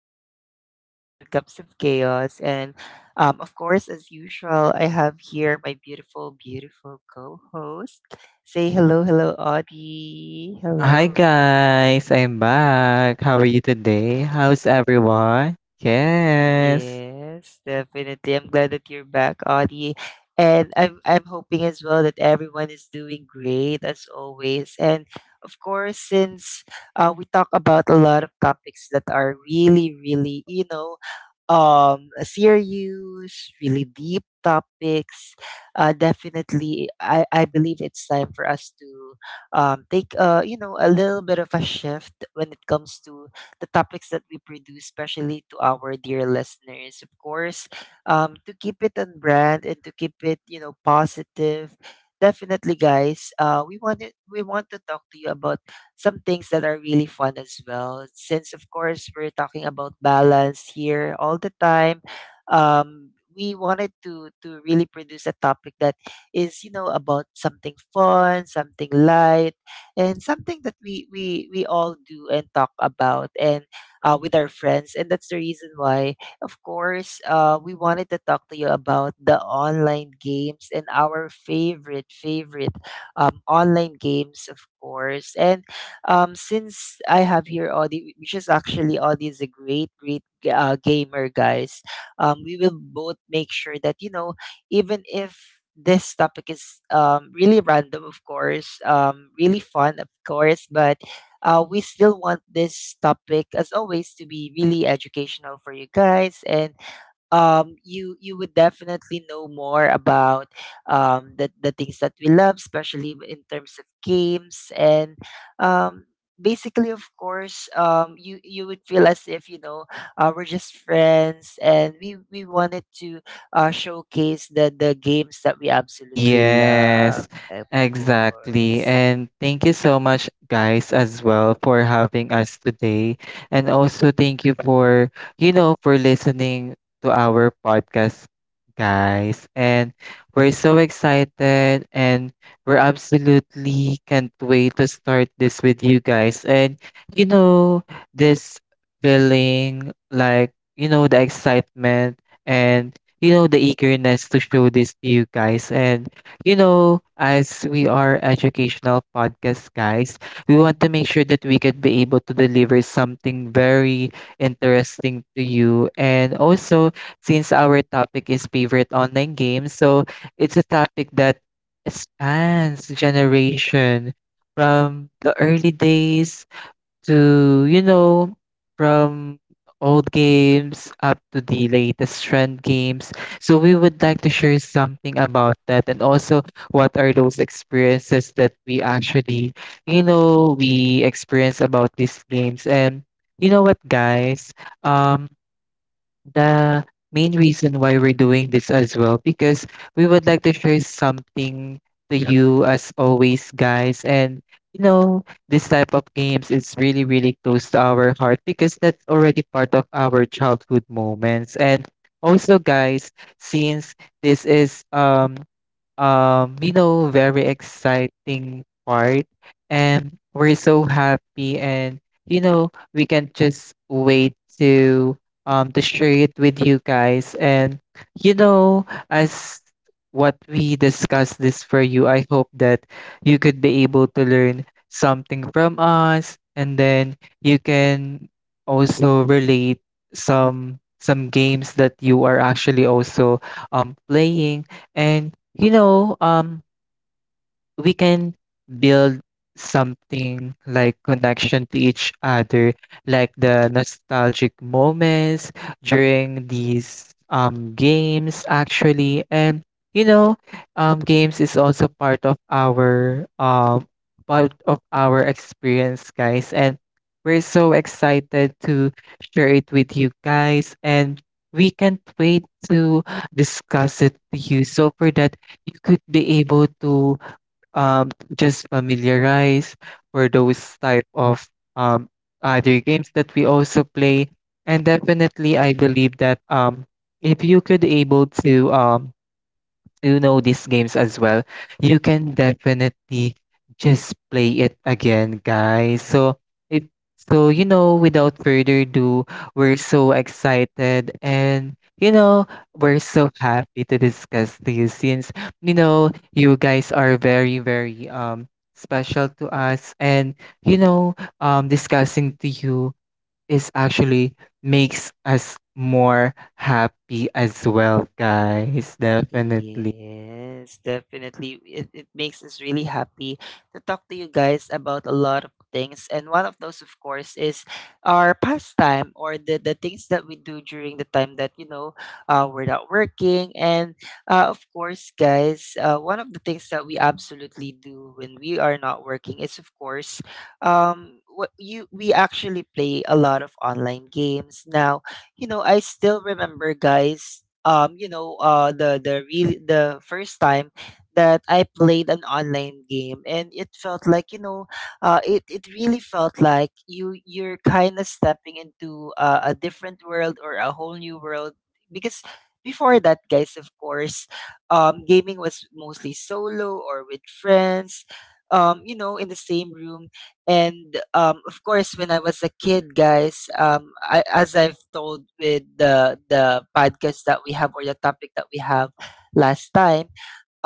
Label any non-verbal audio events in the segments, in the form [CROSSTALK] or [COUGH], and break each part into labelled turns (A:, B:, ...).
A: again, this is Two Cups of Chaos. And Of course, as usual, I have here my beautiful, beautiful co host. Say hello, Audie. Hello.
B: Hi guys, I'm back. How are you today? How's everyone? Yes.
A: Yes, definitely. I'm glad that you're back, Audie. And I'm hoping as well that everyone is doing great as always. And of course, since we talk about a lot of topics that are really, really, serious, really deep topics. Definitely, I believe it's time for us to take a little bit of a shift when it comes to the topics that we produce, especially to our dear listeners, of course. To keep it on brand and to keep it, positive. Definitely, guys. We want to talk to you about some things that are really fun as well. Since, of course, we're talking about balance here all the time. We wanted to really produce a topic that is, you know, about something fun, something light, and something that we all do and talk about and with our friends, and that's the reason why, of course, we wanted to talk to you about the online games and our favorite online games, of course. And since I have here Audie, which is actually Audie is a great gamer, guys, we will both make sure that, you know, even if this topic is, really random, of course, really fun, of course, but we still want this topic, as always, to be really educational for you guys. And you you would definitely know more about the things that we love, especially in terms of games. And um basically of course um you you would feel as if, you know, we're just friends and we wanted to showcase the games that we absolutely love,
B: Yes,
A: of
B: exactly.
A: course.
B: And thank you so much, guys, as well for having us today. And also thank you for, for listening to our podcast, guys. And we're so excited and we're absolutely can't wait to start this with you guys. And, you know, this feeling like, the excitement and the eagerness to show this to you guys. And, as we are educational podcast guys, we want to make sure that we could be able to deliver something very interesting to you. And also, since our topic is favorite online games, so it's a topic that spans generation from the early days to, from old games up to the latest trend games. So we would like to share something about that and also what are those experiences that we actually, we experience about these games. And you know what, guys? Um, the main reason why we're doing this as well because we would like to share something to, yeah, you as always guys and you know this type of games is really really close to our heart because that's already part of our childhood moments and also guys, since this is very exciting part. And we're so happy and we can just wait to share it with you guys. And as what we discussed this for you, I hope that you could be able to learn something from us and then you can also relate some games that you are actually also playing, and you know, um, we can build something like connection to each other, like the nostalgic moments during these games actually. And you know, games is also part of our part of our experience, guys. And we're so excited to share it with you guys and we can't wait to discuss it to you, so for that you could be able to um, just familiarize for those type of um, other games that we also play. And definitely, I believe that if you could able to, you know these games as well, you can definitely just play it again, guys. So if so, without further ado, we're so excited and we're so happy to discuss to you since you guys are very, very special to us and you know discussing to you is actually makes us more happy as well, guys, definitely.
A: Yes, definitely. It makes us really happy to talk to you guys about a lot of things. And one of those, of course, is our pastime, or the things that we do during the time that, you know, we're not working. And of course, guys, one of the things that we absolutely do when we are not working is, of course, what you we actually play a lot of online games. Now, you know, I still remember, guys, the first time that I played an online game, and it felt like, you know, it really felt like you you're kind of stepping into a different world, or a whole new world, because before that, guys, of course, gaming was mostly solo or with friends, you know, in the same room. And of course, when I was a kid, guys, as I've told with the podcast that we have, or the topic that we have last time,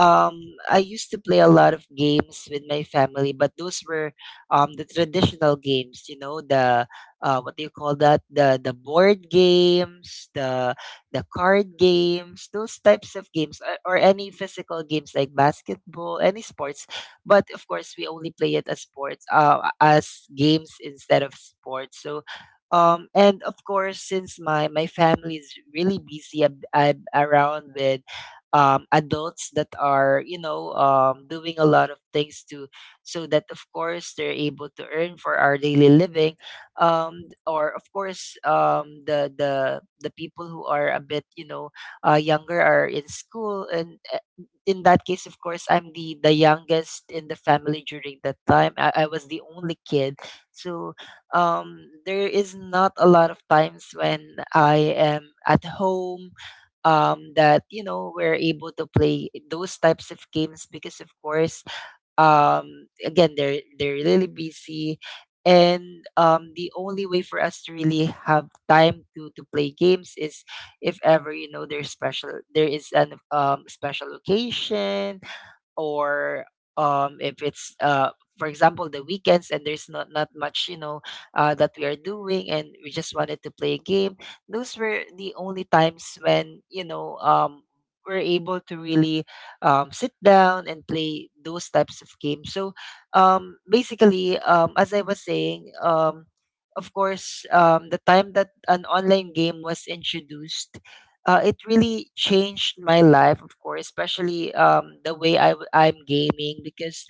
A: um I used to play a lot of games with my family, but those were, the traditional games, you know, the, what do you call that? The board games, the card games, those types of games, or any physical games like basketball, any sports. But of course, we only play it as sports, as games instead of sports. So and of course since my family is really busy, I I'm around with adults that are, you know, doing a lot of things, to so that, of course, they're able to earn for our daily living, um, or, of course, the people who are a bit, you know, younger are in school, and in that case, of course, I'm the youngest in the family during that time. I was the only kid. So there is not a lot of times when I am at home, that, you know, we're able to play those types of games because, of course, again, they're really busy. And the only way for us to really have time to play games is if ever, you know, there is an special occasion, or if it's, for example, the weekends, and there's not much, you know, that we are doing, and we just wanted to play a game. Those were the only times when, you know, we're able to really sit down and play those types of games. So basically, as I was saying, of course, the time that an online game was introduced, it really changed my life, of course, especially the way I'm gaming. Because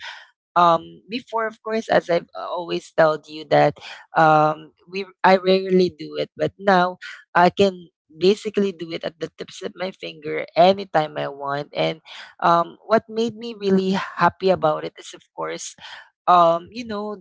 A: before, of course, as I've always told you that, we I rarely do it, but now I can basically do it at the tips of my finger anytime I want. And what made me really happy about it is, of course, um you know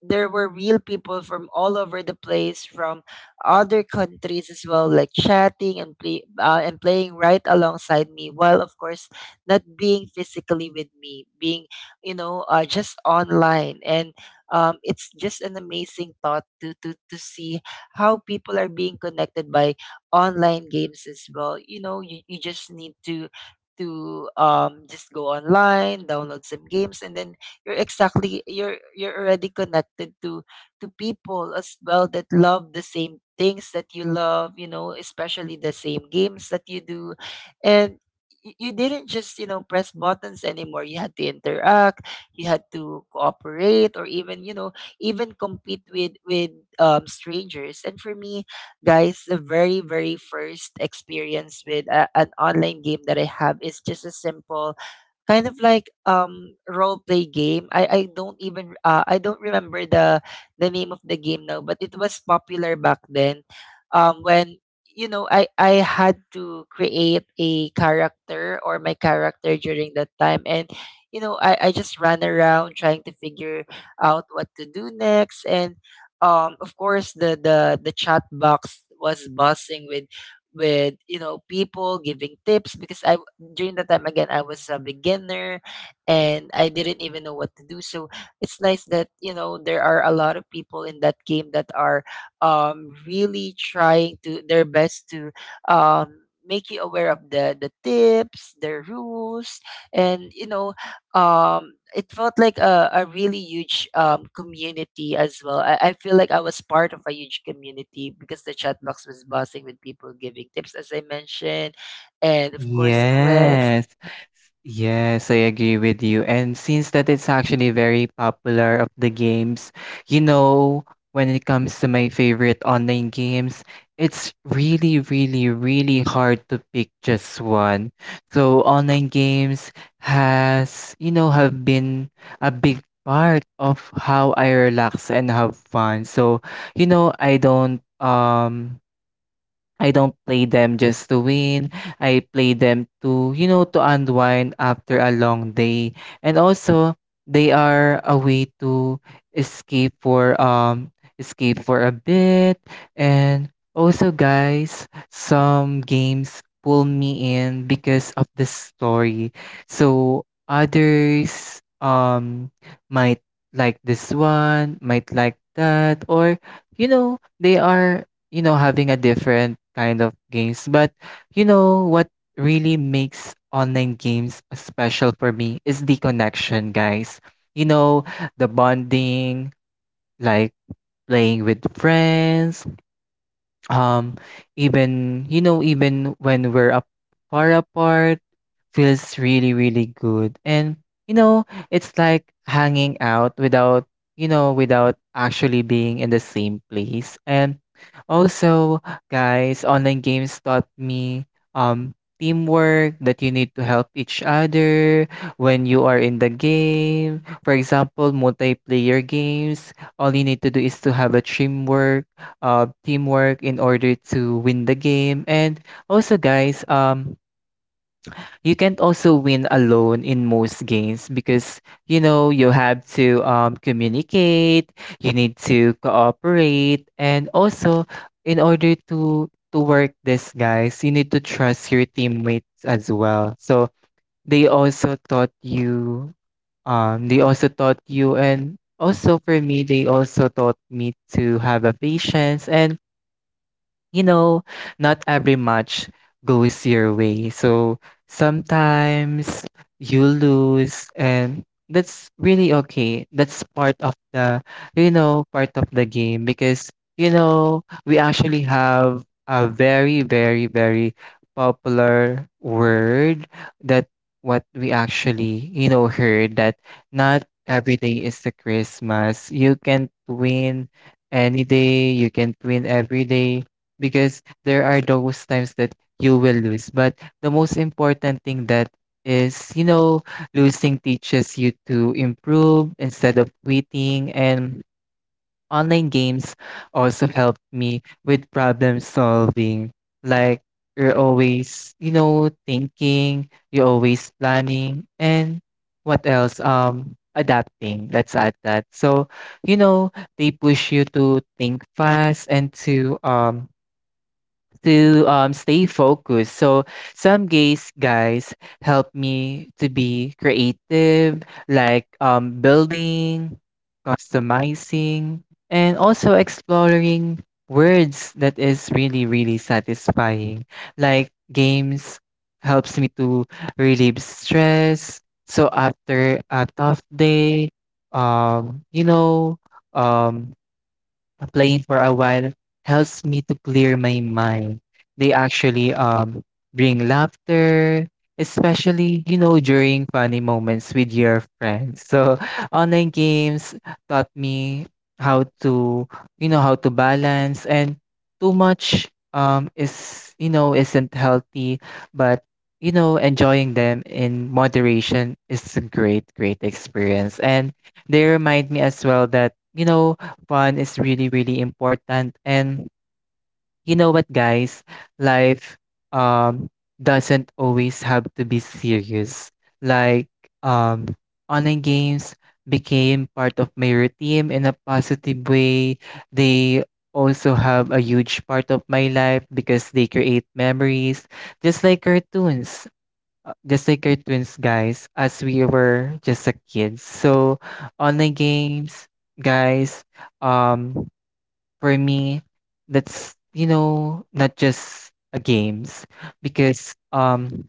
A: there were real people from all over the place, from other countries as well, like chatting and playing right alongside me, while, of course, not being physically with me, being, you know, just online. And it's just an amazing thought to see how people are being connected by online games as well. You know, you just need to just go online, download some games, and then you're already connected to people as well that love the same things that you love, you know, especially the same games that you do. And you didn't just, you know, press buttons anymore. You had to interact, you had to cooperate, or even, you know, even compete with strangers. And for me, guys, the very, very first experience with an online game that I have is just a simple kind of like role play game. I don't even I don't remember the name of the game now, but it was popular back then. When, you know, I had to create a character, or my character during that time. And you know, I just ran around trying to figure out what to do next. And of course, the chat box was buzzing with, you know, people giving tips, because I, during the time, again, I was a beginner, and I didn't even know what to do. So it's nice that, you know, there are a lot of people in that game that are really trying to their best to um make you aware of the tips, the rules, and you know, it felt like a really huge, community as well. I feel like I was part of a huge community because the chat box was buzzing with people giving tips, as I mentioned, and of course, quiz.
B: Yes, yes, I agree with you. And since that it's actually very popular of the games, you know, when it comes to my favorite online games, it's really, really, really hard to pick just one. So online games have been a big part of how I relax and have fun. So, you know, I don't um I don't play them just to win. I play them to unwind after a long day. And also, they are a way to escape for um escape for a bit. And also, guys, some games pull me in because of the story. So others might like this one, might like that, or they are having a different kind of games. But you know what really makes online games special for me is the connection, guys. You know, the bonding, like playing with friends, um, even even when we're up far apart, feels really, really good. And, you know, it's like hanging out without, you know, without actually being in the same place. And also, guys, online games taught me, teamwork, that you need to help each other when you are in the game. For example, multiplayer games, all you need to do is to have a teamwork, in order to win the game. And also, guys, you can't also win alone in most games because you have to, communicate, you need to cooperate, and also in order to work this, guys, you need to trust your teammates as well. So they also taught you they also taught you and also for me they also taught me to have a patience and, you know, not every match goes your way. So sometimes you lose and that's really okay. That's part of the game because, we actually have a very, very, very popular word that what we actually, heard that not every day is the Christmas. You can't win any day. You can't win every day because there are those times that you will lose. But the most important thing that is, losing teaches you to improve instead of quitting. And online games also helped me with problem solving. Like you're always, thinking, you're always planning, and what else? Adapting. Let's add that. So, you know, they push you to think fast and to stay focused. So some gays guys help me to be creative, like building, customizing, and also exploring words that is really really satisfying. Like games helps me to relieve stress. So after a tough day, um, you know, um, playing for a while helps me to clear my mind. They actually bring laughter, especially during funny moments with your friends. So [LAUGHS] online games taught me how to how to balance, and too much is, isn't healthy, but enjoying them in moderation is a great great experience, and they remind me as well that fun is really really important. And you know what, guys, life um doesn't always have to be serious. Like, um online games became part of my routine in a positive way. They also have a huge part of my life because they create memories, just like cartoons, guys, as we were just a kids. So online games, guys, um for me, that's, not just a games, because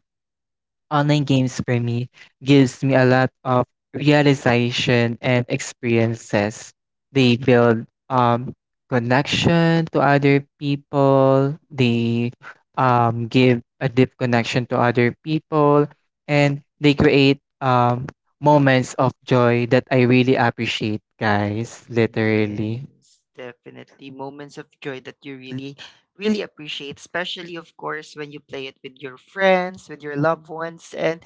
B: online games for me gives me a lot of realization and experiences. They build connection to other people. They give a deep connection to other people, and they create moments of joy that I really appreciate, guys, literally.
A: Yes, definitely. Moments of joy that you really, really appreciate, especially, of course, when you play it with your friends, with your loved ones. And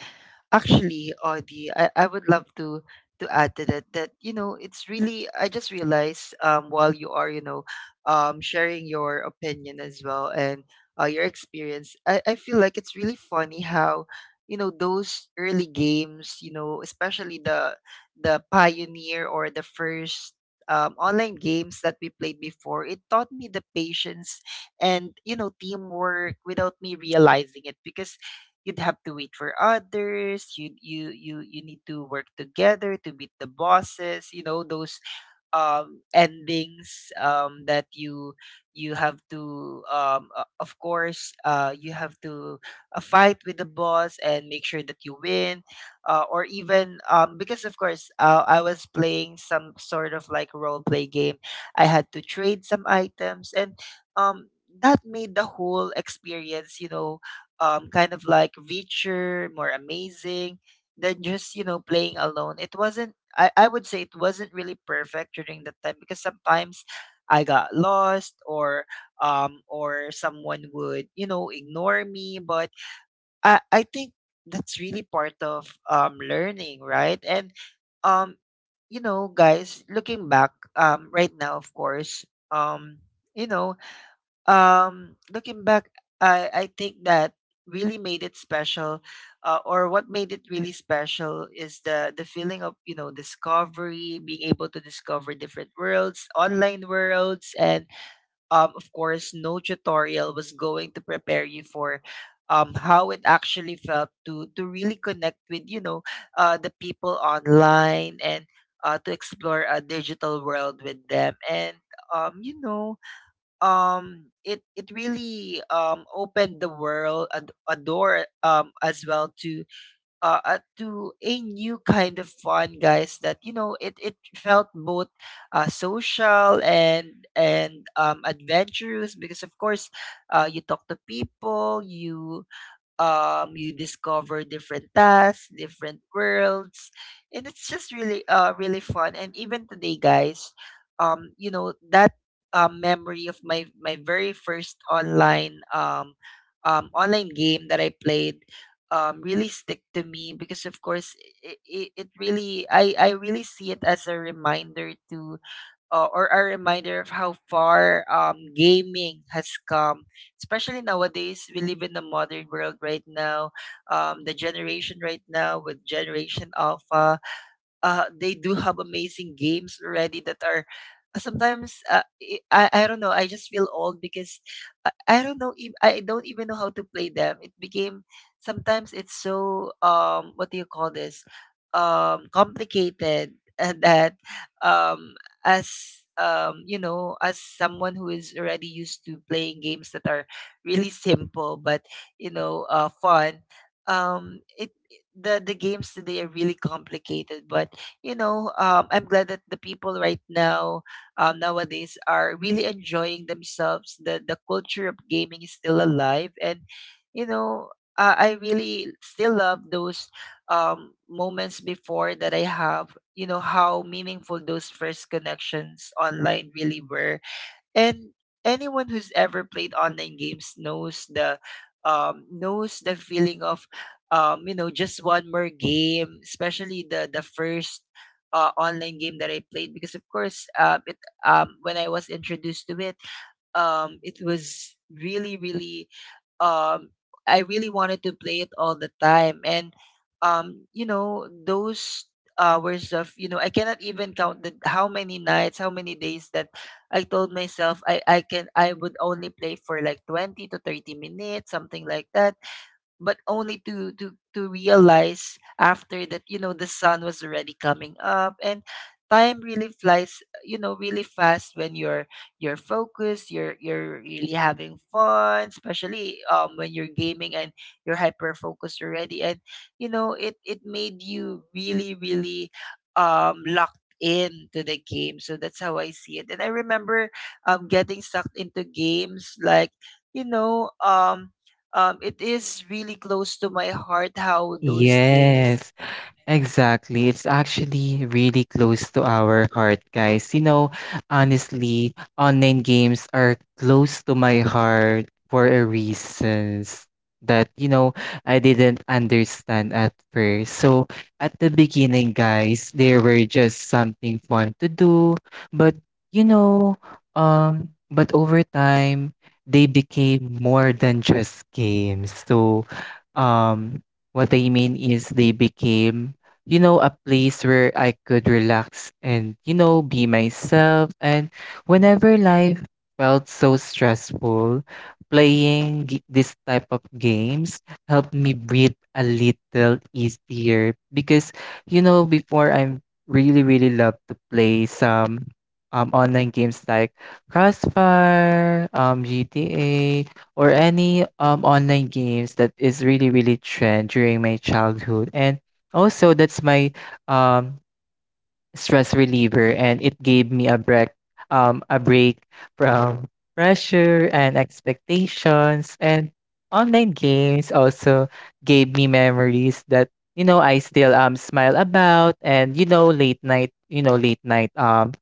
A: actually, Audie, I would love to add to that that, you know, it's really, I just realized while you are, you know, sharing your opinion as well and your experience. I feel like it's really funny how, you know, those early games, you know, especially the pioneer, or the first, online games that we played before, it taught me the patience and, you know, teamwork without me realizing it, because you'd have to wait for others. You need to work together to beat the bosses. You know, those endings that you have to of course you have to fight with the boss and make sure that you win. Or even, because of course, I was playing some sort of like role play game. I had to trade some items, and um that made the whole experience, you know, kind of like richer, more amazing than just, you know, playing alone. It wasn't, I would say it wasn't really perfect during that time, because sometimes I got lost, or someone would, you know, ignore me. But I think that's really part of learning, right? And um, you know, guys, looking back, right now, of course, um, you know, looking back, I think that really made it special. Or what made it really special is the feeling of, discovery, being able to discover different worlds, online worlds. And Of course, no tutorial was going to prepare you for how it actually felt to really connect with, the people online, and to explore a digital world with them. And you know It really opened the world a door as well to a new kind of fun, guys, that, it felt both social and adventurous because, of course, you talk to people. You discover different tasks, different worlds, and it's just really really fun. And even today, guys, you know that memory of my very first online online game that I played really stick to me because, of course, it really, I really see it as a reminder to or a reminder of how far, gaming has come, especially nowadays. We live in the modern world right now. The generation right now with Generation Alpha, they do have amazing games already that are sometimes I don't know, I just feel old because I don't know if I don't even know how to play them. It became sometimes it's so what do you call this, complicated [LAUGHS] and that um as you know, as someone who is already used to playing games that are really simple but, you know, fun. It The games today are really complicated but, you know, I'm glad that the people right now, nowadays, are really enjoying themselves. The culture of gaming is still alive, and, you know, I really still love those moments before that I have. You know how meaningful those first connections online really were. And anyone who's ever played online games knows the feeling of you know, just one more game, especially the first online game that I played because, of course, when I was introduced to it, it was really, really um I really wanted to play it all the time. And You know, those hours of, you know, I cannot even count the, how many nights, how many days that I told myself I would only play for like 20 to 30 minutes, something like that, but only to to realize after that, you know, the sun was already coming up. And time really flies, you know, really fast when you're focused, you're really having fun, especially when you're gaming and you're hyper focused already. And, you know, it made you really, really locked in to the game. So that's how I see it, and I remember getting sucked into games like, you know um it is really close to my heart how those games.
B: Yes. Exactly. It's actually really close to our heart, guys. You know, honestly, online games are close to my heart for a reasons that, I didn't understand at first. So at the beginning, guys, they were just something fun to do, but you know, over time they became more than just games. So, um, what I mean is they became, a place where I could relax and, be myself. And whenever life felt so stressful, playing this type of games helped me breathe a little easier, because, before I'm really, really love to play some online games like Crossfire, GTA, or any online games that is really, really trend during my childhood. And also, that's my um, stress reliever, and it gave me a break, um, a break from pressure and expectations. And online games also gave me memories that I still smile about, and, late night, you know late night um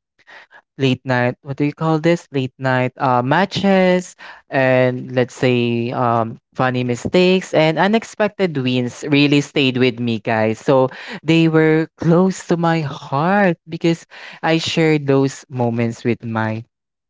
B: late night what do you call this? Late night, matches, and let's say, funny mistakes and unexpected wins really stayed with me, guys. So they were close to my heart because I shared those moments with my,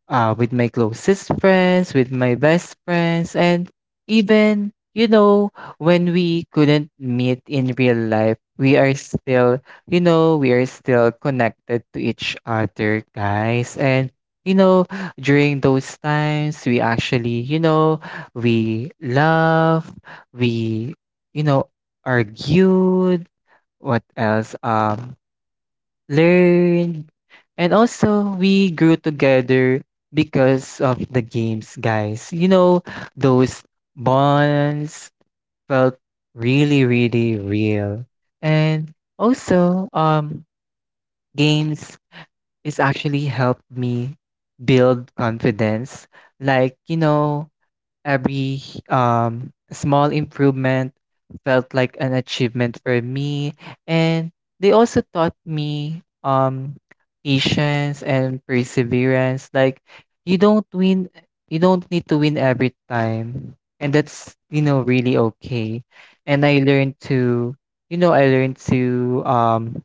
B: with my closest friends, with my best friends, and even, when we couldn't meet in real life, we are still, we are still connected to each other, guys. And, you know, during those times, we actually, we love, we, you know, argued. What else? Learn, and also we grew together because of the games, guys. You know, those bonds felt really, really real. And also, games is actually helped me build confidence. Like, every small improvement felt like an achievement for me. And they also taught me, patience and perseverance. Like, you don't win, you don't need to win every time. And that's, really okay. And I learned to, you know, I learned to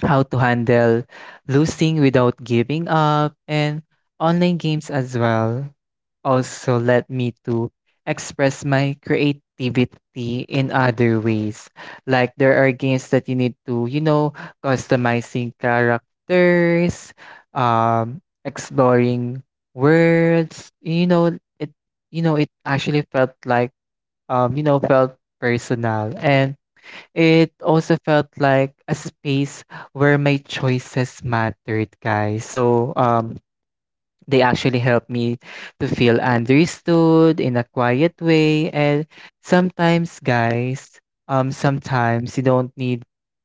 B: how to handle losing without giving up, and online games as well also led me to express my creativity in other ways. Like there are games that you need to, customizing characters, exploring worlds. You know, it actually felt like, felt personal. And it also felt like a space where my choices mattered, guys. So, they actually helped me to feel understood in a quiet way. And sometimes, guys, sometimes you don't need,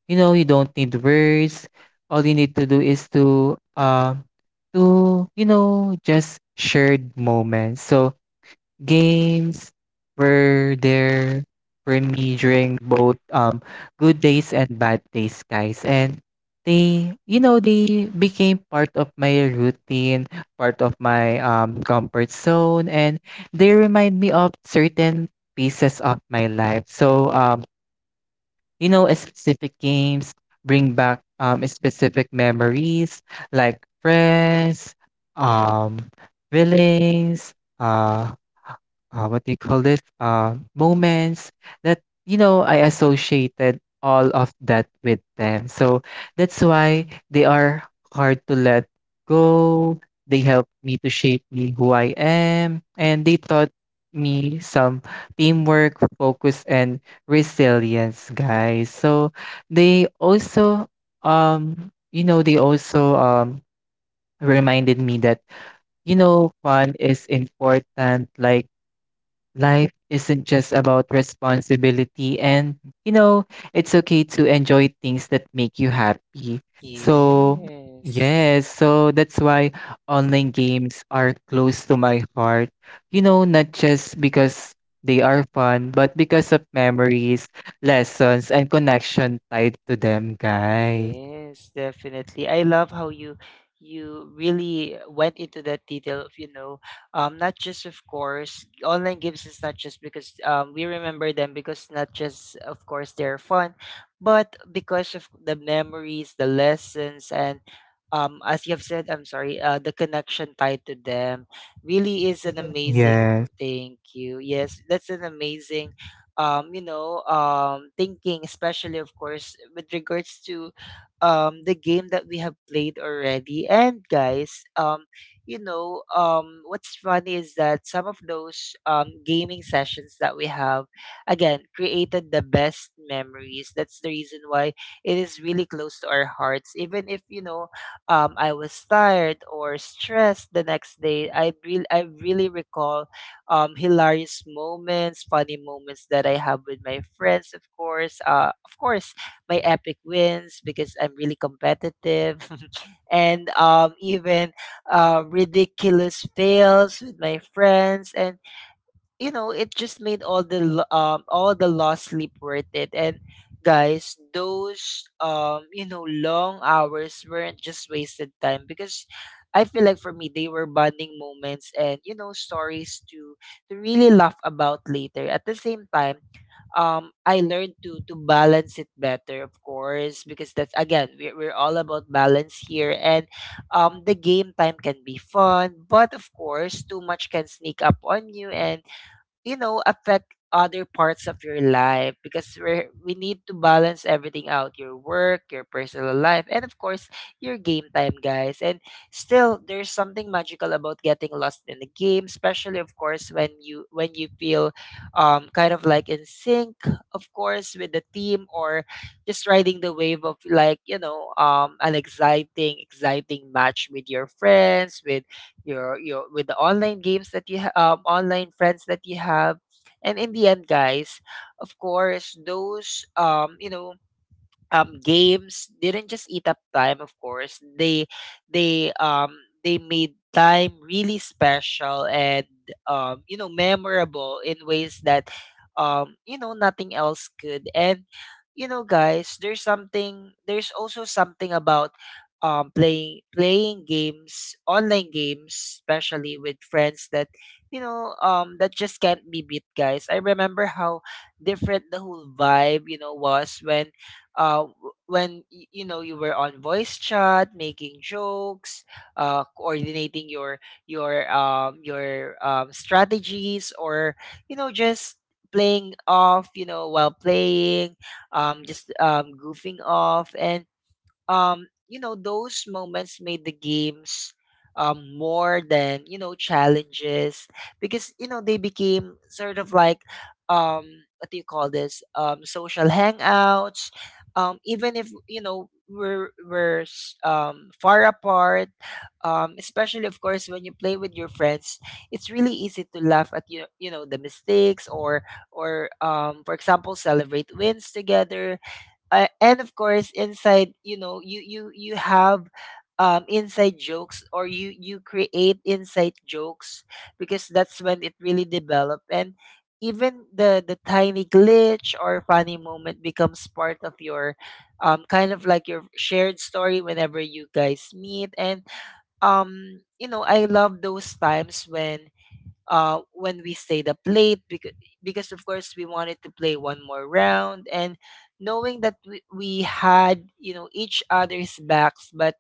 B: you don't need words. All you need to do is to, just shared moments. So, games were there for me during both good days and bad days, guys. And they became part of my routine, part of my comfort zone, and they remind me of certain pieces of my life. So a specific games bring back specific memories like friends, um, feelings, uh what do you call this moments that you know I associated all of that with them. So that's why they are hard to let go. They helped me to shape me who I am, and they taught me some teamwork, focus, and resilience, guys. So they also they also reminded me that you know fun is important like life isn't just about responsibility, and you know, it's okay to enjoy things that make you happy. So,
A: Yes.
B: yes, so that's why online games are close to my heart. You know, not just because they are fun, but because of memories, lessons, and connection tied to them, guys.
A: Yes, definitely. I love how you, you really went into that detail of, you know, not just of course online games is not just because, we remember them because not just of course they're fun, but because of the memories, the lessons, and, as you have said, I'm sorry, the connection tied to them really is an amazing.
B: Yes.
A: Thank you. Yes, that's an amazing thinking, especially of course with regards to the game that we have played already. And guys, what's funny is that some of those gaming sessions that we have, again, created the best memories. That's the reason why it is really close to our hearts. Even if, you know, I was tired or stressed the next day, I really recall hilarious moments, funny moments that I have with my friends, of course. Of course, my epic wins because I'm really competitive, [LAUGHS] and even ridiculous fails with my friends. And, you know, it just made all all the lost sleep worth it. And guys, those you know, long hours weren't just wasted time because I feel like for me they were bonding moments and, you know, stories to really laugh about later. At the same time, I learned to balance it better, of course, because that's again we're all about balance here. And the game time can be fun, but of course too much can sneak up on you and, you know, affect other parts of your life because we need to balance everything out: your work, your personal life, and, of course, your game time, guys. And still there's something magical about getting lost in the game, especially of course when you, when you feel kind of like in sync, of course, with the team, or just riding the wave of, like, you know, an exciting match with your friends, with your with the online games online friends that you have. And in the end, guys, of course those, games didn't just eat up time. Of course, they um they made time really special and, you know, memorable in ways that, you know, nothing else could. And, you know, guys, there's something. There's also something about playing games, online games, especially with friends, that, that just can't be beat, guys. I remember how different the whole vibe, you know, was when you know, you were on voice chat, making jokes, coordinating your strategies, or, you know, just playing off, you know, while playing, just goofing off, and, you know, those moments made the games, more than, you know, challenges because, you know, they became sort of like, um, what do you call this? Social hangouts. Even if, you know, far apart, especially, of course, when you play with your friends, it's really easy to laugh at, you know, the mistakes or, for example, celebrate wins together, and of course inside, you know, you have inside jokes, or you create inside jokes because that's when it really develop. And even the tiny glitch or funny moment becomes part of your, kind of like, your shared story whenever you guys meet. And, you know, I love those times when, when we stayed up late because, of course, we wanted to play one more round, and knowing that we had, you know, each other's backs. But,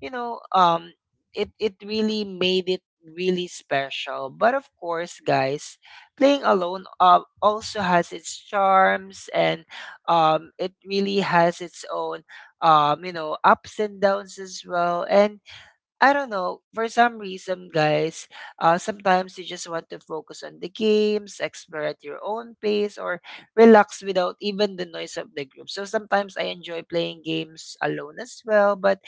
A: you know um it really made it really special. But of course, guys, playing alone, also has its charms, and it really has its own, you know, ups and downs as well. And I don't know, for some reason, guys, sometimes you just want to focus on the games, explore at your own pace, or relax without even the noise of the group. So sometimes I enjoy playing games alone as well, but,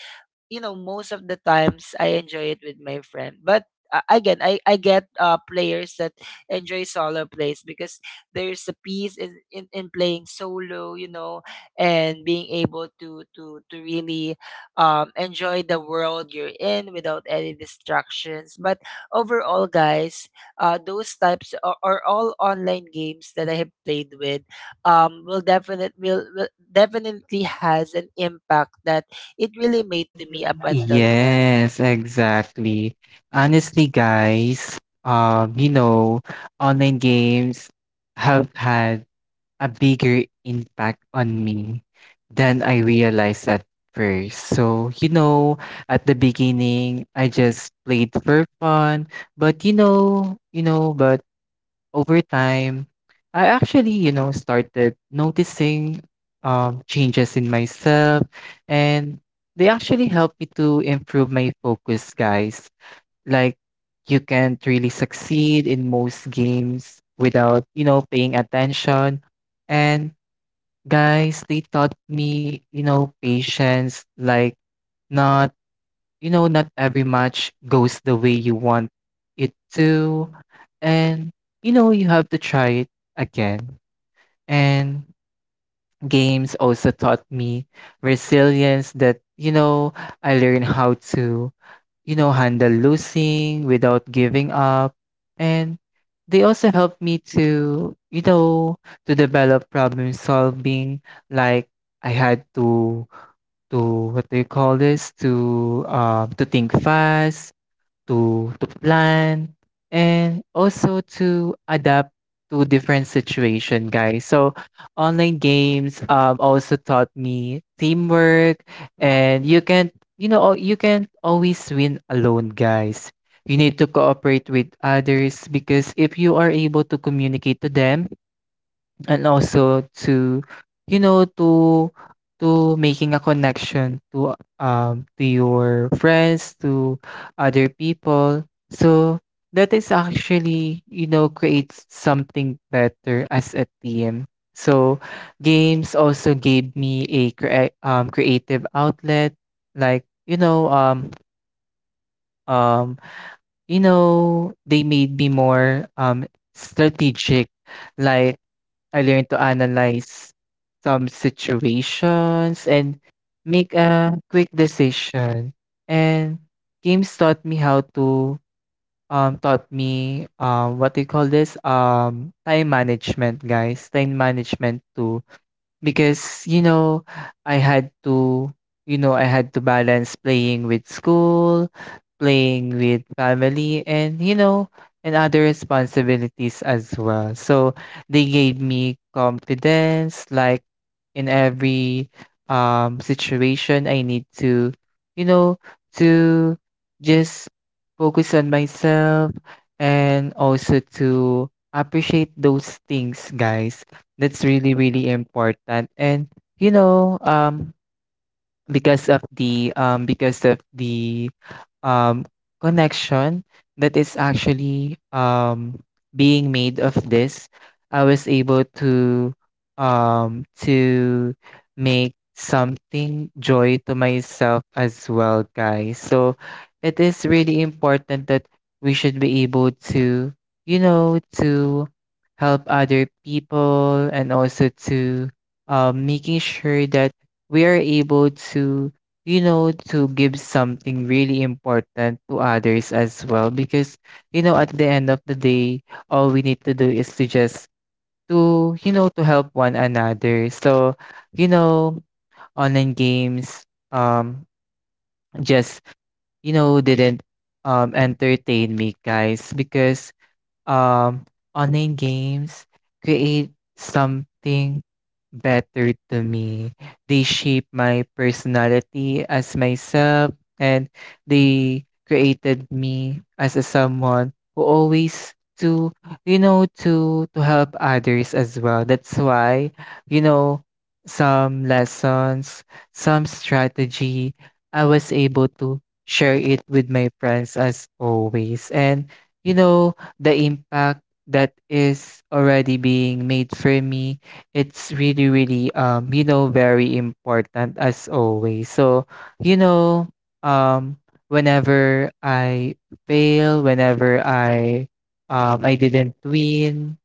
A: you know, most of the times I enjoy it with my friend. But, again, I get, players that enjoy solo plays because there's a peace in playing solo, you know, and being able to to really enjoy the world you're in without any distractions. But overall, guys, those types are all online games that I have played with, will definitely has an impact that it really made to me up until now.
B: Yes, exactly. Honestly, guys, you know, online games have had a bigger impact on me than I realized at first. So, you know, at the beginning, I just played for fun, but you know, but over time, I actually, you know, started noticing changes in myself, and they actually helped me to improve my focus, guys. Like, you can't really succeed in most games without, you know, paying attention. And guys, they taught me, you know, patience, like not you know, not every match goes the way you want it to. And, you know, you have to try it again. And games also taught me resilience that, you know, I learned how to, you know, handle losing without giving up. And they also helped me to, you know, to develop problem solving. Like I had to to what do you call this? To think fast to plan and also to adapt to different situation guys. So online games also taught me teamwork, and you can you know you can always win alone guys, you need to cooperate with others because if you are able to communicate to them and also to you know to making a connection to your friends, to other people. So that is actually you know creates something better as a team. So games also gave me a creative outlet like um you know they made me more strategic, like I learned to analyze some situations and make a quick decision. And games taught me how to taught me what do you call this, time management guys, time management too, because, you know, I had to, you know, I had to balance playing with school, playing with family, and, you know, and other responsibilities as well. So they gave me confidence, like in every situation, I need to, you know, to just focus on myself and also to appreciate those things, guys, that's really, really important. And you know, because of the um connection that is actually being made of this, I was able to make something joy to myself as well guys. So it is really important that we should be able to you know to help other people and also to making sure that we are able to, you know, to give something really important to others as well. Because, you know, at the end of the day, all we need to do is to just to, you know, to help one another. So, you know, online games um just, you know, didn't entertain me guys because um, online games create something better to me. They shape my personality as myself, and they created me as a someone who always to you know to help others as well. That's why you know some lessons, some strategy I was able to share it with my friends as always. And you know the impact that is already being made for me, it's really really you know very important as always. So you know um whenever I fail, whenever I didn't win,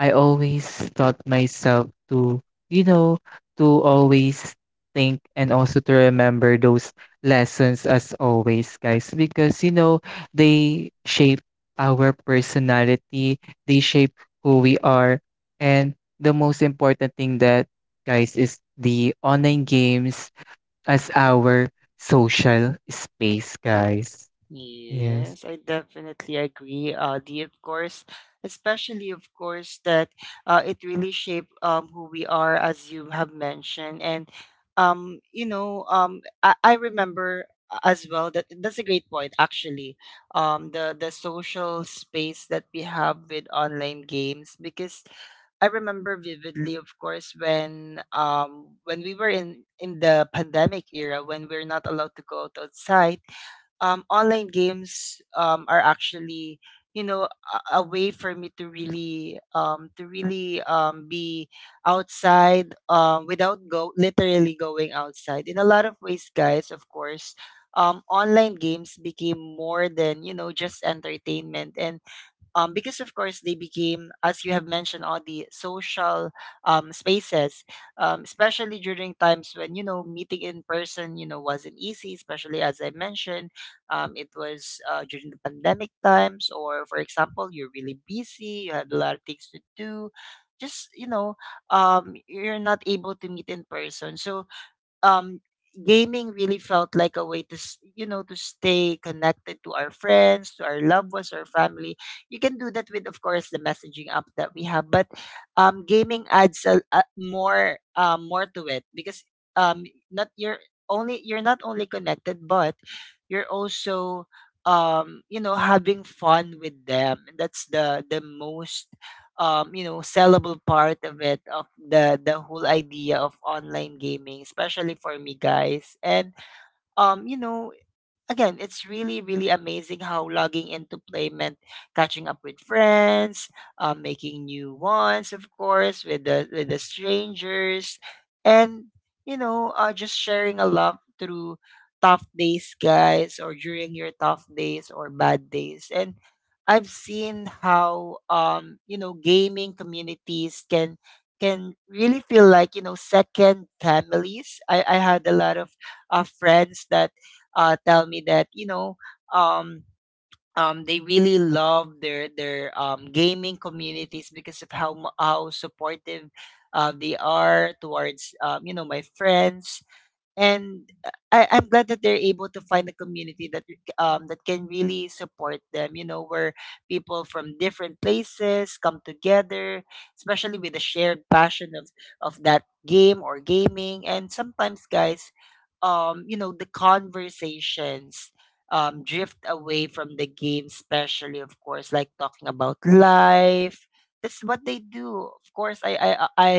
B: I always taught myself to, you know, to always think and also to remember those lessons as always, guys, because, you know, they shape our personality, they shape who we are. And the most important thing that, guys, is the online games as our social space, guys. Yes.
A: Yes, I definitely agree, Audie, of course, especially, of course, that it really shaped, who we are, as you have mentioned. And, you know, I remember as well that that's a great point, actually, the social space that we have with online games, because I remember vividly, of course, when, when we were in the pandemic era, when we're not allowed to go out outside, online games are actually, you know, a way for me to really, to really be outside without go literally going outside. In a lot of ways, guys, of course, online games became more than, you know, just entertainment. And, because of course they became, as you have mentioned, all the social, spaces, especially during times when, you know, meeting in person, you know, wasn't easy. Especially as I mentioned, it was during the pandemic times, or, for example, you're really busy, you had a lot of things to do. Just, you know, you're not able to meet in person. So um gaming really felt like a way to to stay connected to our friends, to our loved ones, our family. You can do that with, of course, the messaging app that we have, but gaming adds a more, more to it because um not you're only you're not only connected, but you're also, having fun with them. And that's the most you know, sellable part of it, of the whole idea of online gaming, especially for me, guys. And um, you know, again, it's really, really amazing how logging into play meant catching up with friends, making new ones, of course, with the strangers, and just sharing a love through tough days, guys, or during your tough days or bad days. And I've seen how, gaming communities can really feel like, you know, second families. I had a lot of friends that tell me that, um, they really love their gaming communities because of how how supportive they are towards, my friends. And I'm glad that they're able to find a community that that can really support them. You know, where people from different places come together, especially with a shared passion of that game or gaming. And sometimes, guys, the conversations drift away from the game, especially, of course, like talking about life. That's what they do. Of course, I,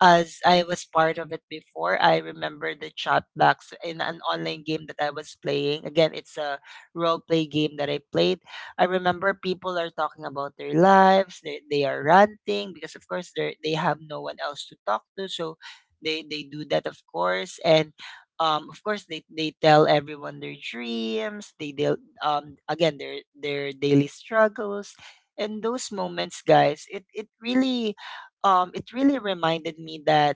A: as I was part of it before, I remember the chat box in an online game that I was playing. Again, it's a role play game that I played. I remember people are talking about their lives. They are ranting because, of course, they have no one else to talk to. So they do that, of course. And of course, they tell everyone their dreams. They deal, again, their daily struggles. And those moments, guys, it really it really reminded me that,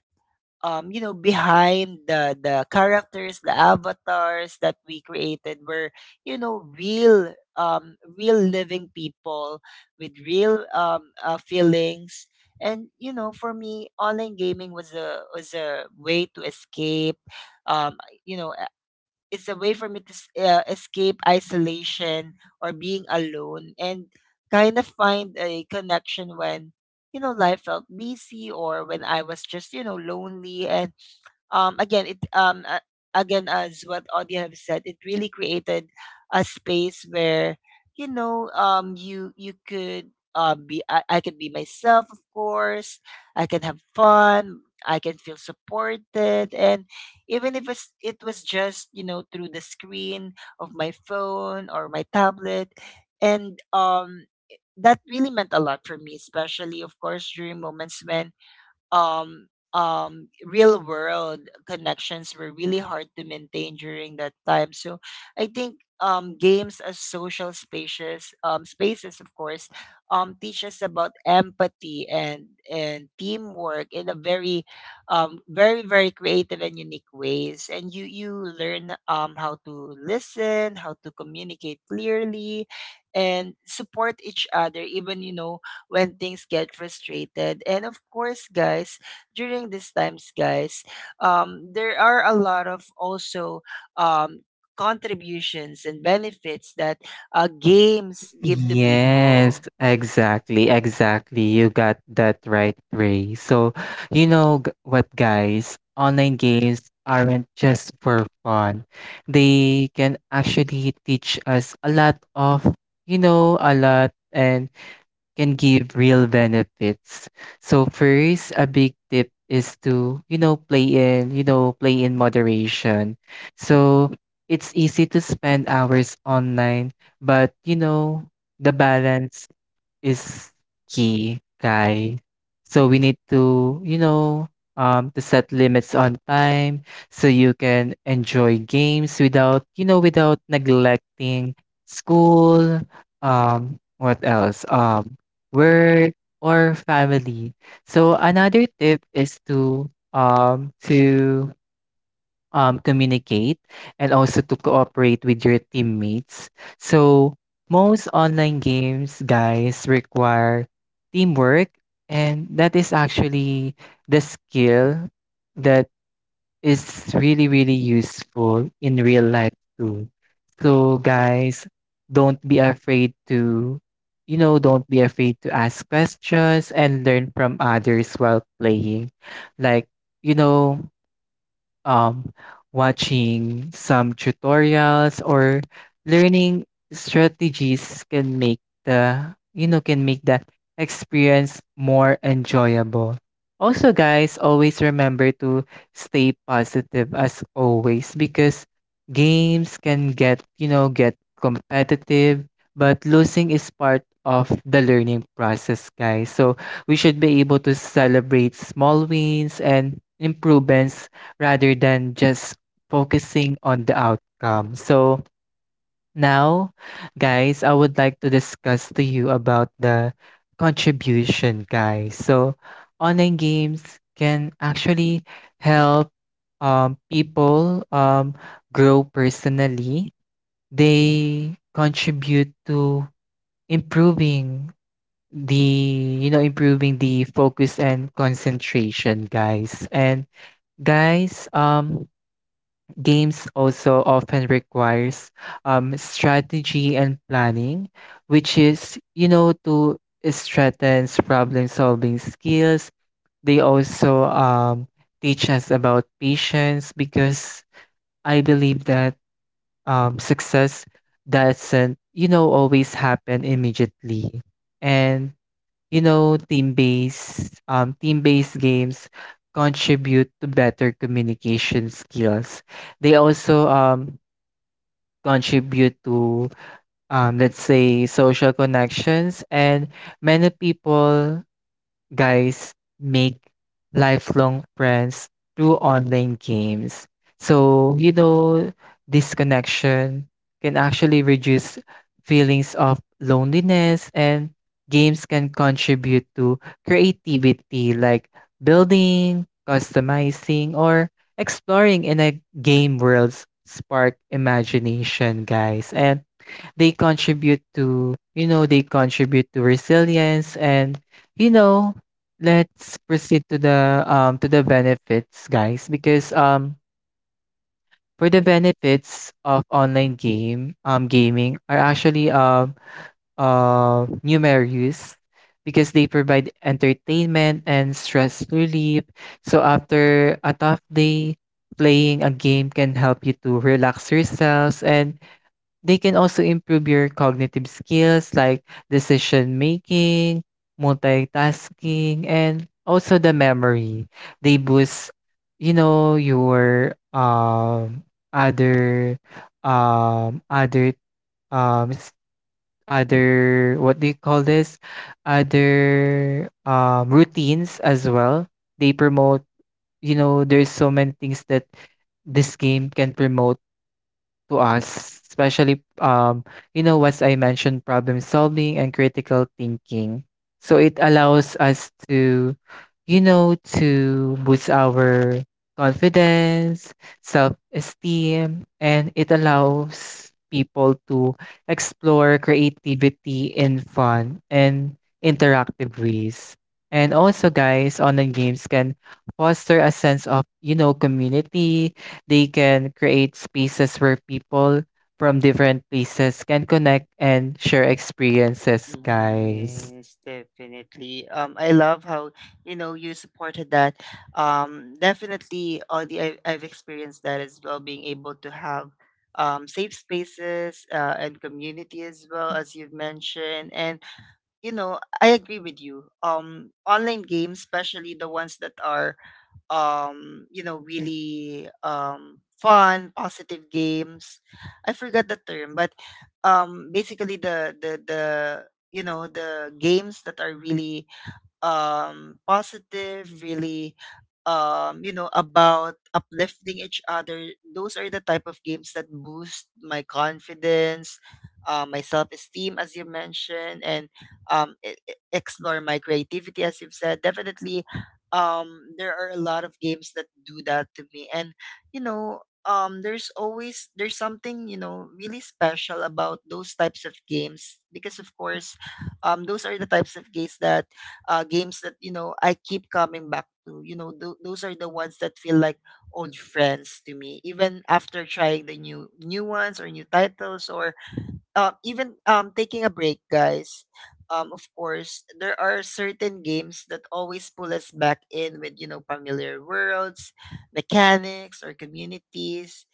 A: behind the characters, the avatars that we created, were, you know, real, real living people with real, feelings. And, you know, for me, online gaming was a, was a way to escape. Um, you know, it's a way for me to escape isolation or being alone, and kind of find a connection when, you know, life felt busy, or when I was just, you know, lonely. And um, again it um, uh, again, as what Audia have said, it really created a space where, you you could be, I could be myself, of course. I can have fun, I can feel supported. And even if it's, it was just, you know, through the screen of my phone or my tablet, and that really meant a lot for me, especially, of course, during moments when um real world connections were really hard to maintain during that time. So I think games as social spaces, spaces, of course, teach us about empathy and teamwork in a very very, very creative and unique ways. And you learn how to listen, how to communicate clearly, and support each other, even, you know, when things get frustrated. And of course, guys, during these times, guys, there are a lot of also um, contributions and benefits that games give to
B: Yes,
A: people.
B: exactly, exactly. You got that right, Ray. So, you know g- what, guys? Online games aren't just for fun. They can actually teach us a lot of, you know, a lot, and can give real benefits. So first, a big tip is to, play in, you know, play in moderation. So it's easy to spend hours online, but you know, the balance is key, Kai. So we need to, you know, to set limits on time so you can enjoy games without, you know, without neglecting school, what else? Work or family. So another tip is to communicate and also to cooperate with your teammates. So most online games, guys, require teamwork, and that is actually the skill that is really, really useful in real life too. So, guys, don't be afraid to, don't be afraid to ask questions and learn from others while playing. Like, you know, um, watching some tutorials or learning strategies can make the you know can make the experience more enjoyable. Also, guys, always remember to stay positive as always because games can get you know get competitive, but losing is part of the learning process, guys. So we should be able to celebrate small wins and improvements rather than just focusing on the outcome. So now, guys, I would like to discuss to you about the contribution, guys. So online games can actually help people grow personally. They contribute to improving the you know improving the focus and concentration guys. And guys games also often requires strategy and planning, which is, you know, to strengthens problem solving skills. They also teach us about patience because I believe that success doesn't, you know, always happen immediately. And, you know, team-based, team-based games contribute to better communication skills. They also contribute to, let's say, social connections, and many people guys make lifelong friends through online games. So, you know, this connection can actually reduce feelings of loneliness, and games can contribute to creativity like building, customizing, or exploring in a game worlds spark imagination, guys. And they contribute to you know they contribute to resilience. And you know let's proceed to the benefits guys, because for the benefits of online game gaming are actually numerous because they provide entertainment and stress relief. So after a tough day, playing a game can help you to relax yourselves. And they can also improve your cognitive skills like decision making, multitasking, and also the memory. They boost, you know, your other um other um s- other what do you call this? Other routines as well. They promote, you know, there's so many things that this game can promote to us, especially you know, as I mentioned, problem solving and critical thinking. So it allows us to, you know, to boost our confidence, self-esteem, and it allows people to explore creativity in fun and interactive ways. And also guys, online games can foster a sense of, you know, community, they can create spaces where people from different places can connect and share experiences, guys.
A: Yes, definitely. I love how, you know, you supported that. Definitely, I've experienced that as well. Being able to have safe spaces and community, as well, as you've mentioned. And, you know, I agree with you. Online games, especially the ones that are, you know, really fun, positive games. I forgot the term, but basically the you know, the games that are really positive, really you know, about uplifting each other, those are the type of games that boost my confidence, my self-esteem, as you mentioned. And explore my creativity, as you've said. Definitely, there are a lot of games that do that to me. And there's always, there's something, you know, really special about those types of games, because of course, those are the types of games that, you know, I keep coming back to. You know, those are the ones that feel like old friends to me, even after trying the new ones or new titles, or even taking a break, guys. Of course, there are certain games that always pull us back in with, you know, familiar worlds, mechanics, or communities.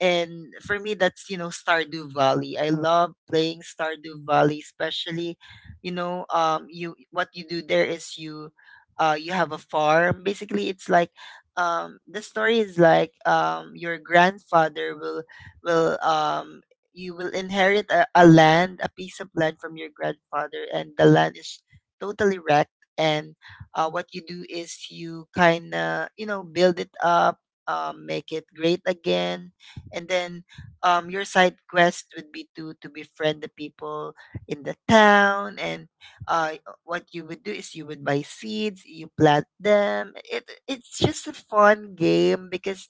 A: And for me, that's, you know, Stardew Valley. I love playing Stardew Valley. Especially, you what you do there is, you have a farm. Basically, it's like, the story is like, your grandfather will will um you will inherit a land, a piece of land from your grandfather, and the land is totally wrecked. And what you do is you kind of, you know, build it up, make it great again. And then your side quest would be to befriend the people in the town. And uh what you would do is you would buy seeds, you plant them. It it's just a fun game, because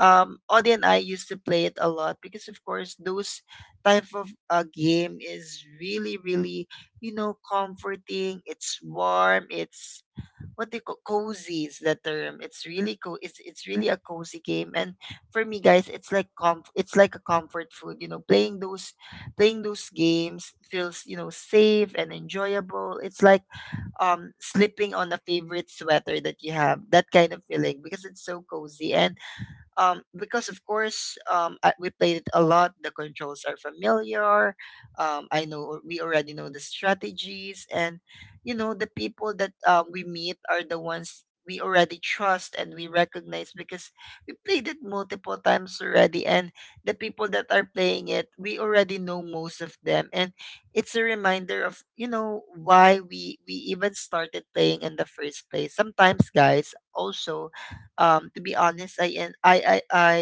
A: Audie and I used to play it a lot, because of course, those type of game is really, really, you know, comforting. It's warm, it's what they call cozy, is the term. It's really co it's really a cozy game. And for me, guys, it's like comf it's like a comfort food. You know, playing those games feels, you know, safe and enjoyable. It's like sleeping on a favorite sweater that you have, that kind of feeling, because it's so cozy. And because of course I, we played it a lot. The controls are familiar, I know, we already know the strategies. And you know, the people that we meet are the ones we already trust and we recognize, because we played it multiple times already, and the people that are playing it, we already know most of them. And it's a reminder of, you know, why we even started playing in the first place. Sometimes, guys, also, to be honest, I in, I I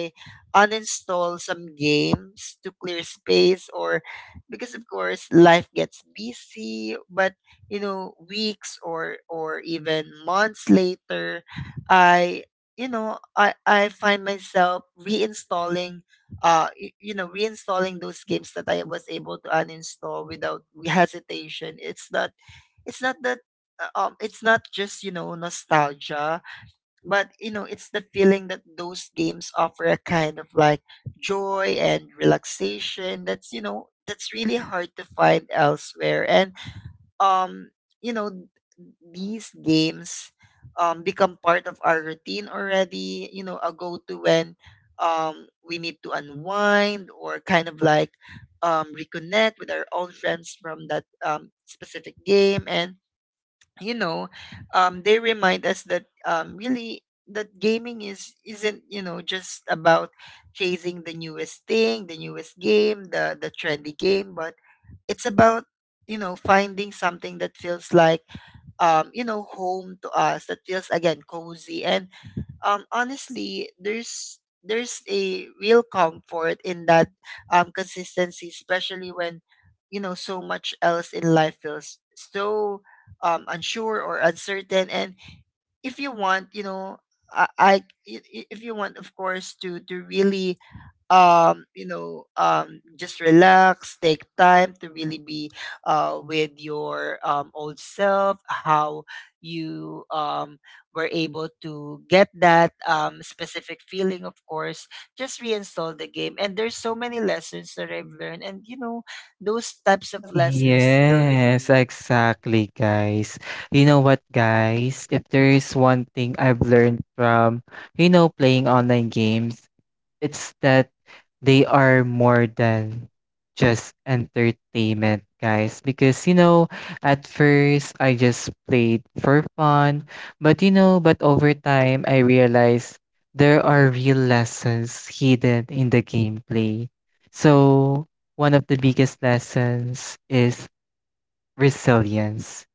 A: uninstall some games to clear space, or because of course life gets busy. But you know, weeks or even months later, i I find myself reinstalling, reinstalling those games that I was able to uninstall without [LAUGHS] hesitation. It's not, it's not that it's not just, you know, nostalgia. But you know, it's the feeling that those games offer a kind of like joy and relaxation that's, you know, that's really hard to find elsewhere. And um you know these games become part of our routine already, you know, a go-to when we need to unwind, or kind of like reconnect with our old friends from that specific game. And you know, they remind us that, really that gaming is isn't, you know, just about chasing the newest thing, the newest game, the trendy game, but it's about, you know, finding something that feels like, home to us, that feels, again, cozy. And honestly, there's a real comfort in that consistency, especially when, you know, so much else in life feels so unsure or uncertain. And if you want, you know, i, I if you want, of course, to really just relax, take time to really be with your old self, how you were able to get that specific feeling. Of course, just reinstall the game. And there's so many lessons that I've learned, and you know, those types of lessons still with
B: Yes,
A: me.
B: exactly, guys. You know what, guys? If there is one thing I've learned from, you know, playing online games, it's that they are more than just entertainment, guys. Because, you know, at first I just played for fun. But, but over time I realized there are real lessons hidden in the gameplay. So, one of the biggest lessons is resilience,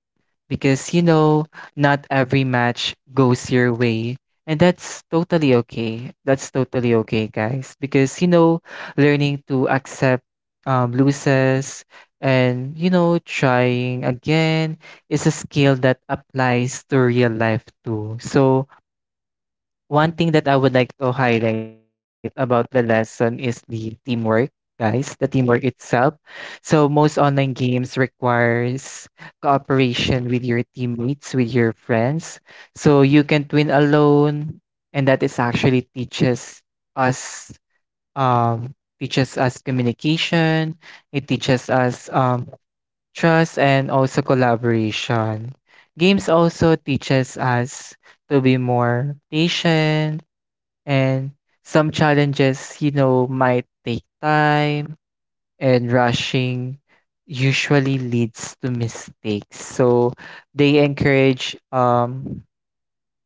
B: because you know not every match goes your way, and that's totally okay guys, because you know learning to accept loses and you know trying again is a skill that applies to real life too. So one thing that I would like to highlight about the lesson is the teamwork, guys, the teamwork itself. So most online games requires cooperation with your teammates, with your friends. So you can't win alone, and that is actually us um teaches us communication, it teaches us trust and also collaboration. Games also teaches us to be more patient, and some challenges, you know, might take time and rushing usually leads to mistakes. So they encourage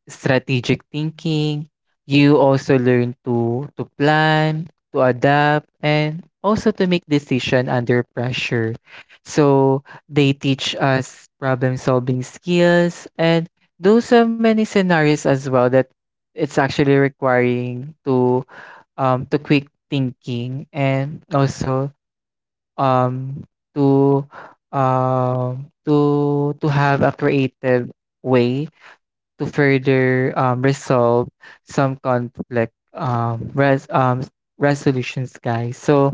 B: strategic thinking. You also learn to plan, to adapt, and also to make decision under pressure. So they teach us problem solving skills, and those are many scenarios as well that it's actually requiring to quick thinking, and also um to to have a creative way to further resolve some conflict, resolutions, guys. So,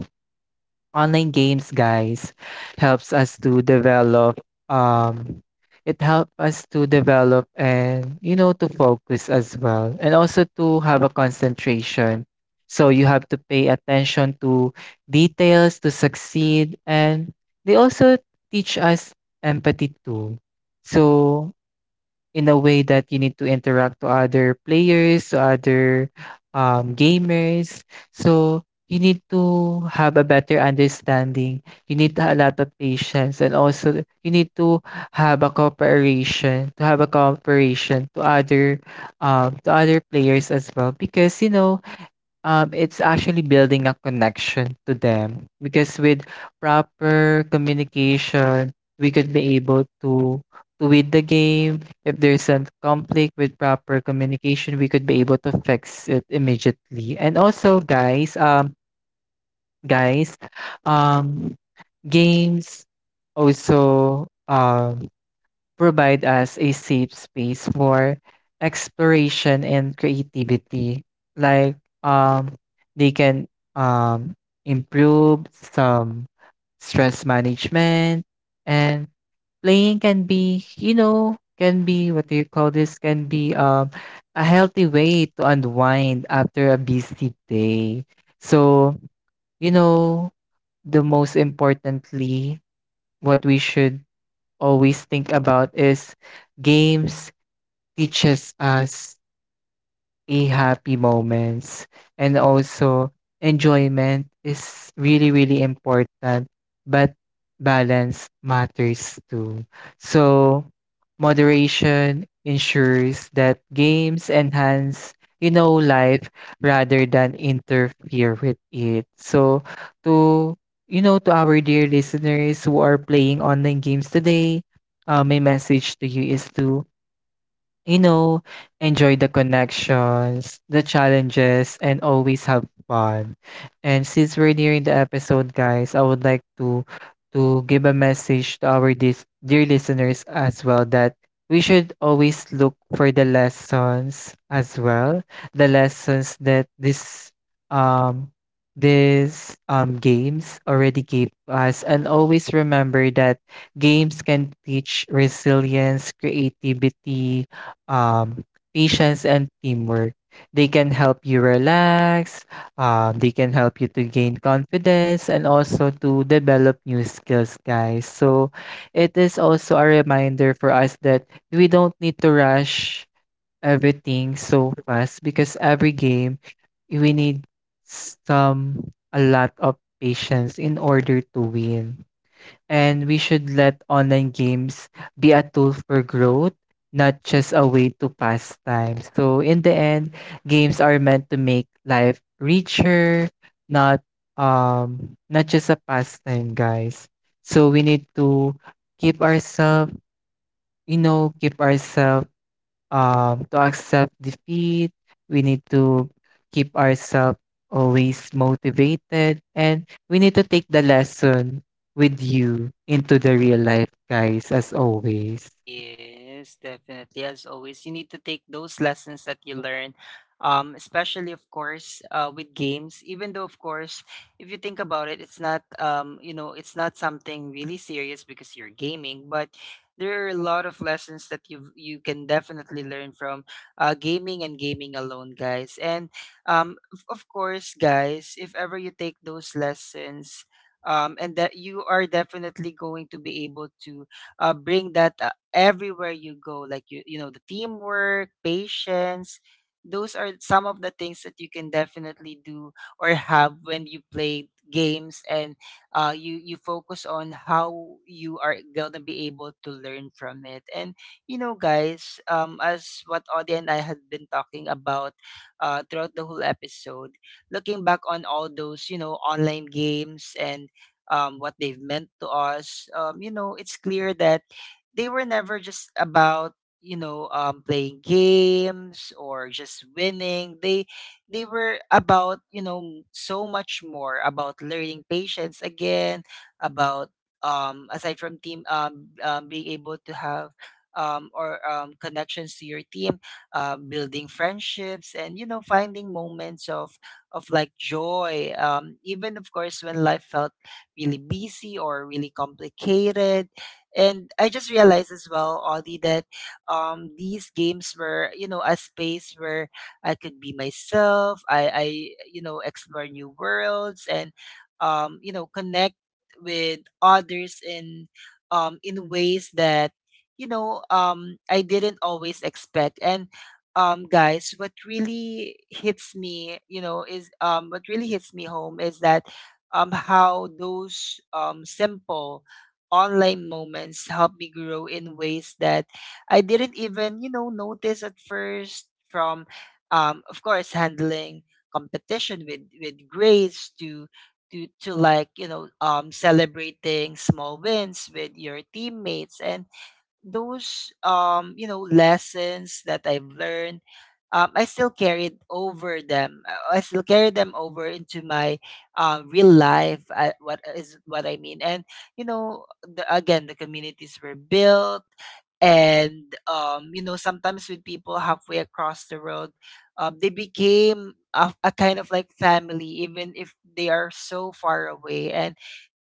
B: online games, guys, helps us to develop. Um, it help us to develop, and you know, to focus as well, and also to have a concentration. So you have to pay attention to details to succeed, and they also teach us empathy too. So in a way that you need to interact to other players, to other, gamers. So you need to have a better understanding. You need a lot of patience, and also you need to have a cooperation, to have a cooperation to other players as well. Because you know, it's actually building a connection to them, because with proper communication, we could be able to win the game. If there's a conflict, with proper communication, we could be able to fix it immediately. And also, guys, guys, um, games also provide us a safe space for exploration and creativity. Like um they can um improve some stress management, and playing can be, you know, can be, what do you call this, can be a healthy way to unwind after a busy day. So, you know, the most importantly, what we should always think about is games teaches us a happy moments, and also enjoyment is really really important, but balance matters too. So moderation ensures that games enhance, you know, life rather than interfere with it. So to, you know, to our dear listeners who are playing online games today, my message to you is to, you know, enjoy the connections, the challenges, and always have fun. And since we're nearing the episode, guys, I would like to give a message to our dear listeners as well that we should always look for the lessons as well, the lessons that this um games already gave us, and always remember that games can teach resilience, creativity, um, patience, and teamwork. They can help you relax, they can help you to gain confidence, and also to develop new skills, guys. So, it is also a reminder for us that we don't need to rush everything so fast, because every game, we need some a lot of patience in order to win. And we should let online games be a tool for growth, not just a way to pass time. So in the end, games are meant to make life richer, not not just a pastime, guys. So we need to keep ourselves, you know, keep ourselves, to accept defeat. We need to keep ourselves always motivated, and we need to take the lesson with you into the real life, guys, as always.
A: Yes, definitely. As always, you need to take those lessons that you learn, especially, of course, with games. Even though, of course, if you think about it, it's not, it's not something really serious because you're gaming. But there are a lot of lessons that you can definitely learn from, gaming and gaming alone, guys. And of course, guys, if ever you take those lessons. And that, you are definitely going to be able to bring that everywhere you go. Like you know, the teamwork, patience, those are some of the things that you can definitely do or have when you play games. And you you focus on how you are gonna be able to learn from it. And you know, guys, as what Audie and I had been talking about throughout the whole episode, looking back on all those, you know, online games, and what they've meant to us, you know, it's clear that they were never just about, playing games or just winning. They were about, you know, so much more, about learning patience again, about aside from team being able to have or connections to your team, building friendships, and you know, finding moments of like joy, even, of course, when life felt really busy or really complicated. And I just realized as well, Audie, that these games were, you know, a space where I could be myself. Explore new worlds, and connect with others in ways that, I didn't always expect. And guys, what really hits me home is that, how those simple online moments help me grow in ways that I didn't even, you know, notice at first. From of course handling competition with grades, to, like, you know, celebrating small wins with your teammates. And those lessons that I've learned, I still carried over them. I still carry them over into my real life. What is what I mean? And you know, the, again, the communities were built, and you know, sometimes with people halfway across the road, they became a kind of like family, even if they are so far away. And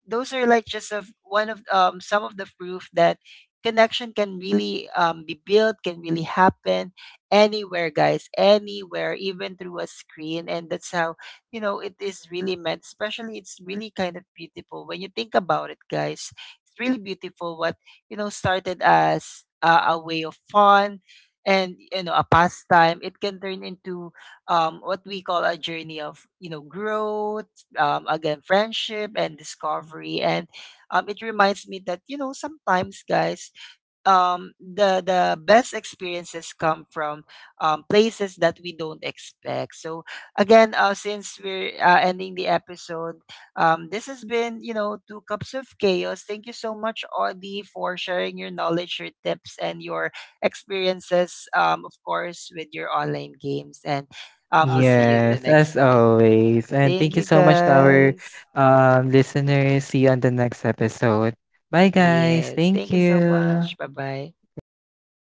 A: those are like just of one of, some of the proof that connection can really, be built, can really happen anywhere, guys, anywhere, even through a screen. And that's how, you know, it is really meant. Especially, it's really kind of beautiful when you think about it, guys. It's really beautiful what, you know, started as a way of fun and, you know, a pastime. It can turn into, what we call a journey of, you know, growth, again, friendship, and discovery. And it reminds me that, you know, sometimes, guys, the best experiences come from places that we don't expect. So again, since we're ending the episode, this has been, you know, Two Cups of Chaos. Thank you so much, Audie, for sharing your knowledge, your tips, and your experiences, of course, with your online games. And we'll see you in the
B: Yes, as
A: next one.
B: always. And
A: Thank
B: thank you
A: you,
B: so much to our
A: guys.
B: listeners. See you on the next episode. Bye, guys.
A: Yes,
B: Thank
A: thank you so
B: you.
A: much. Bye bye.
B: Thank you. Bye bye.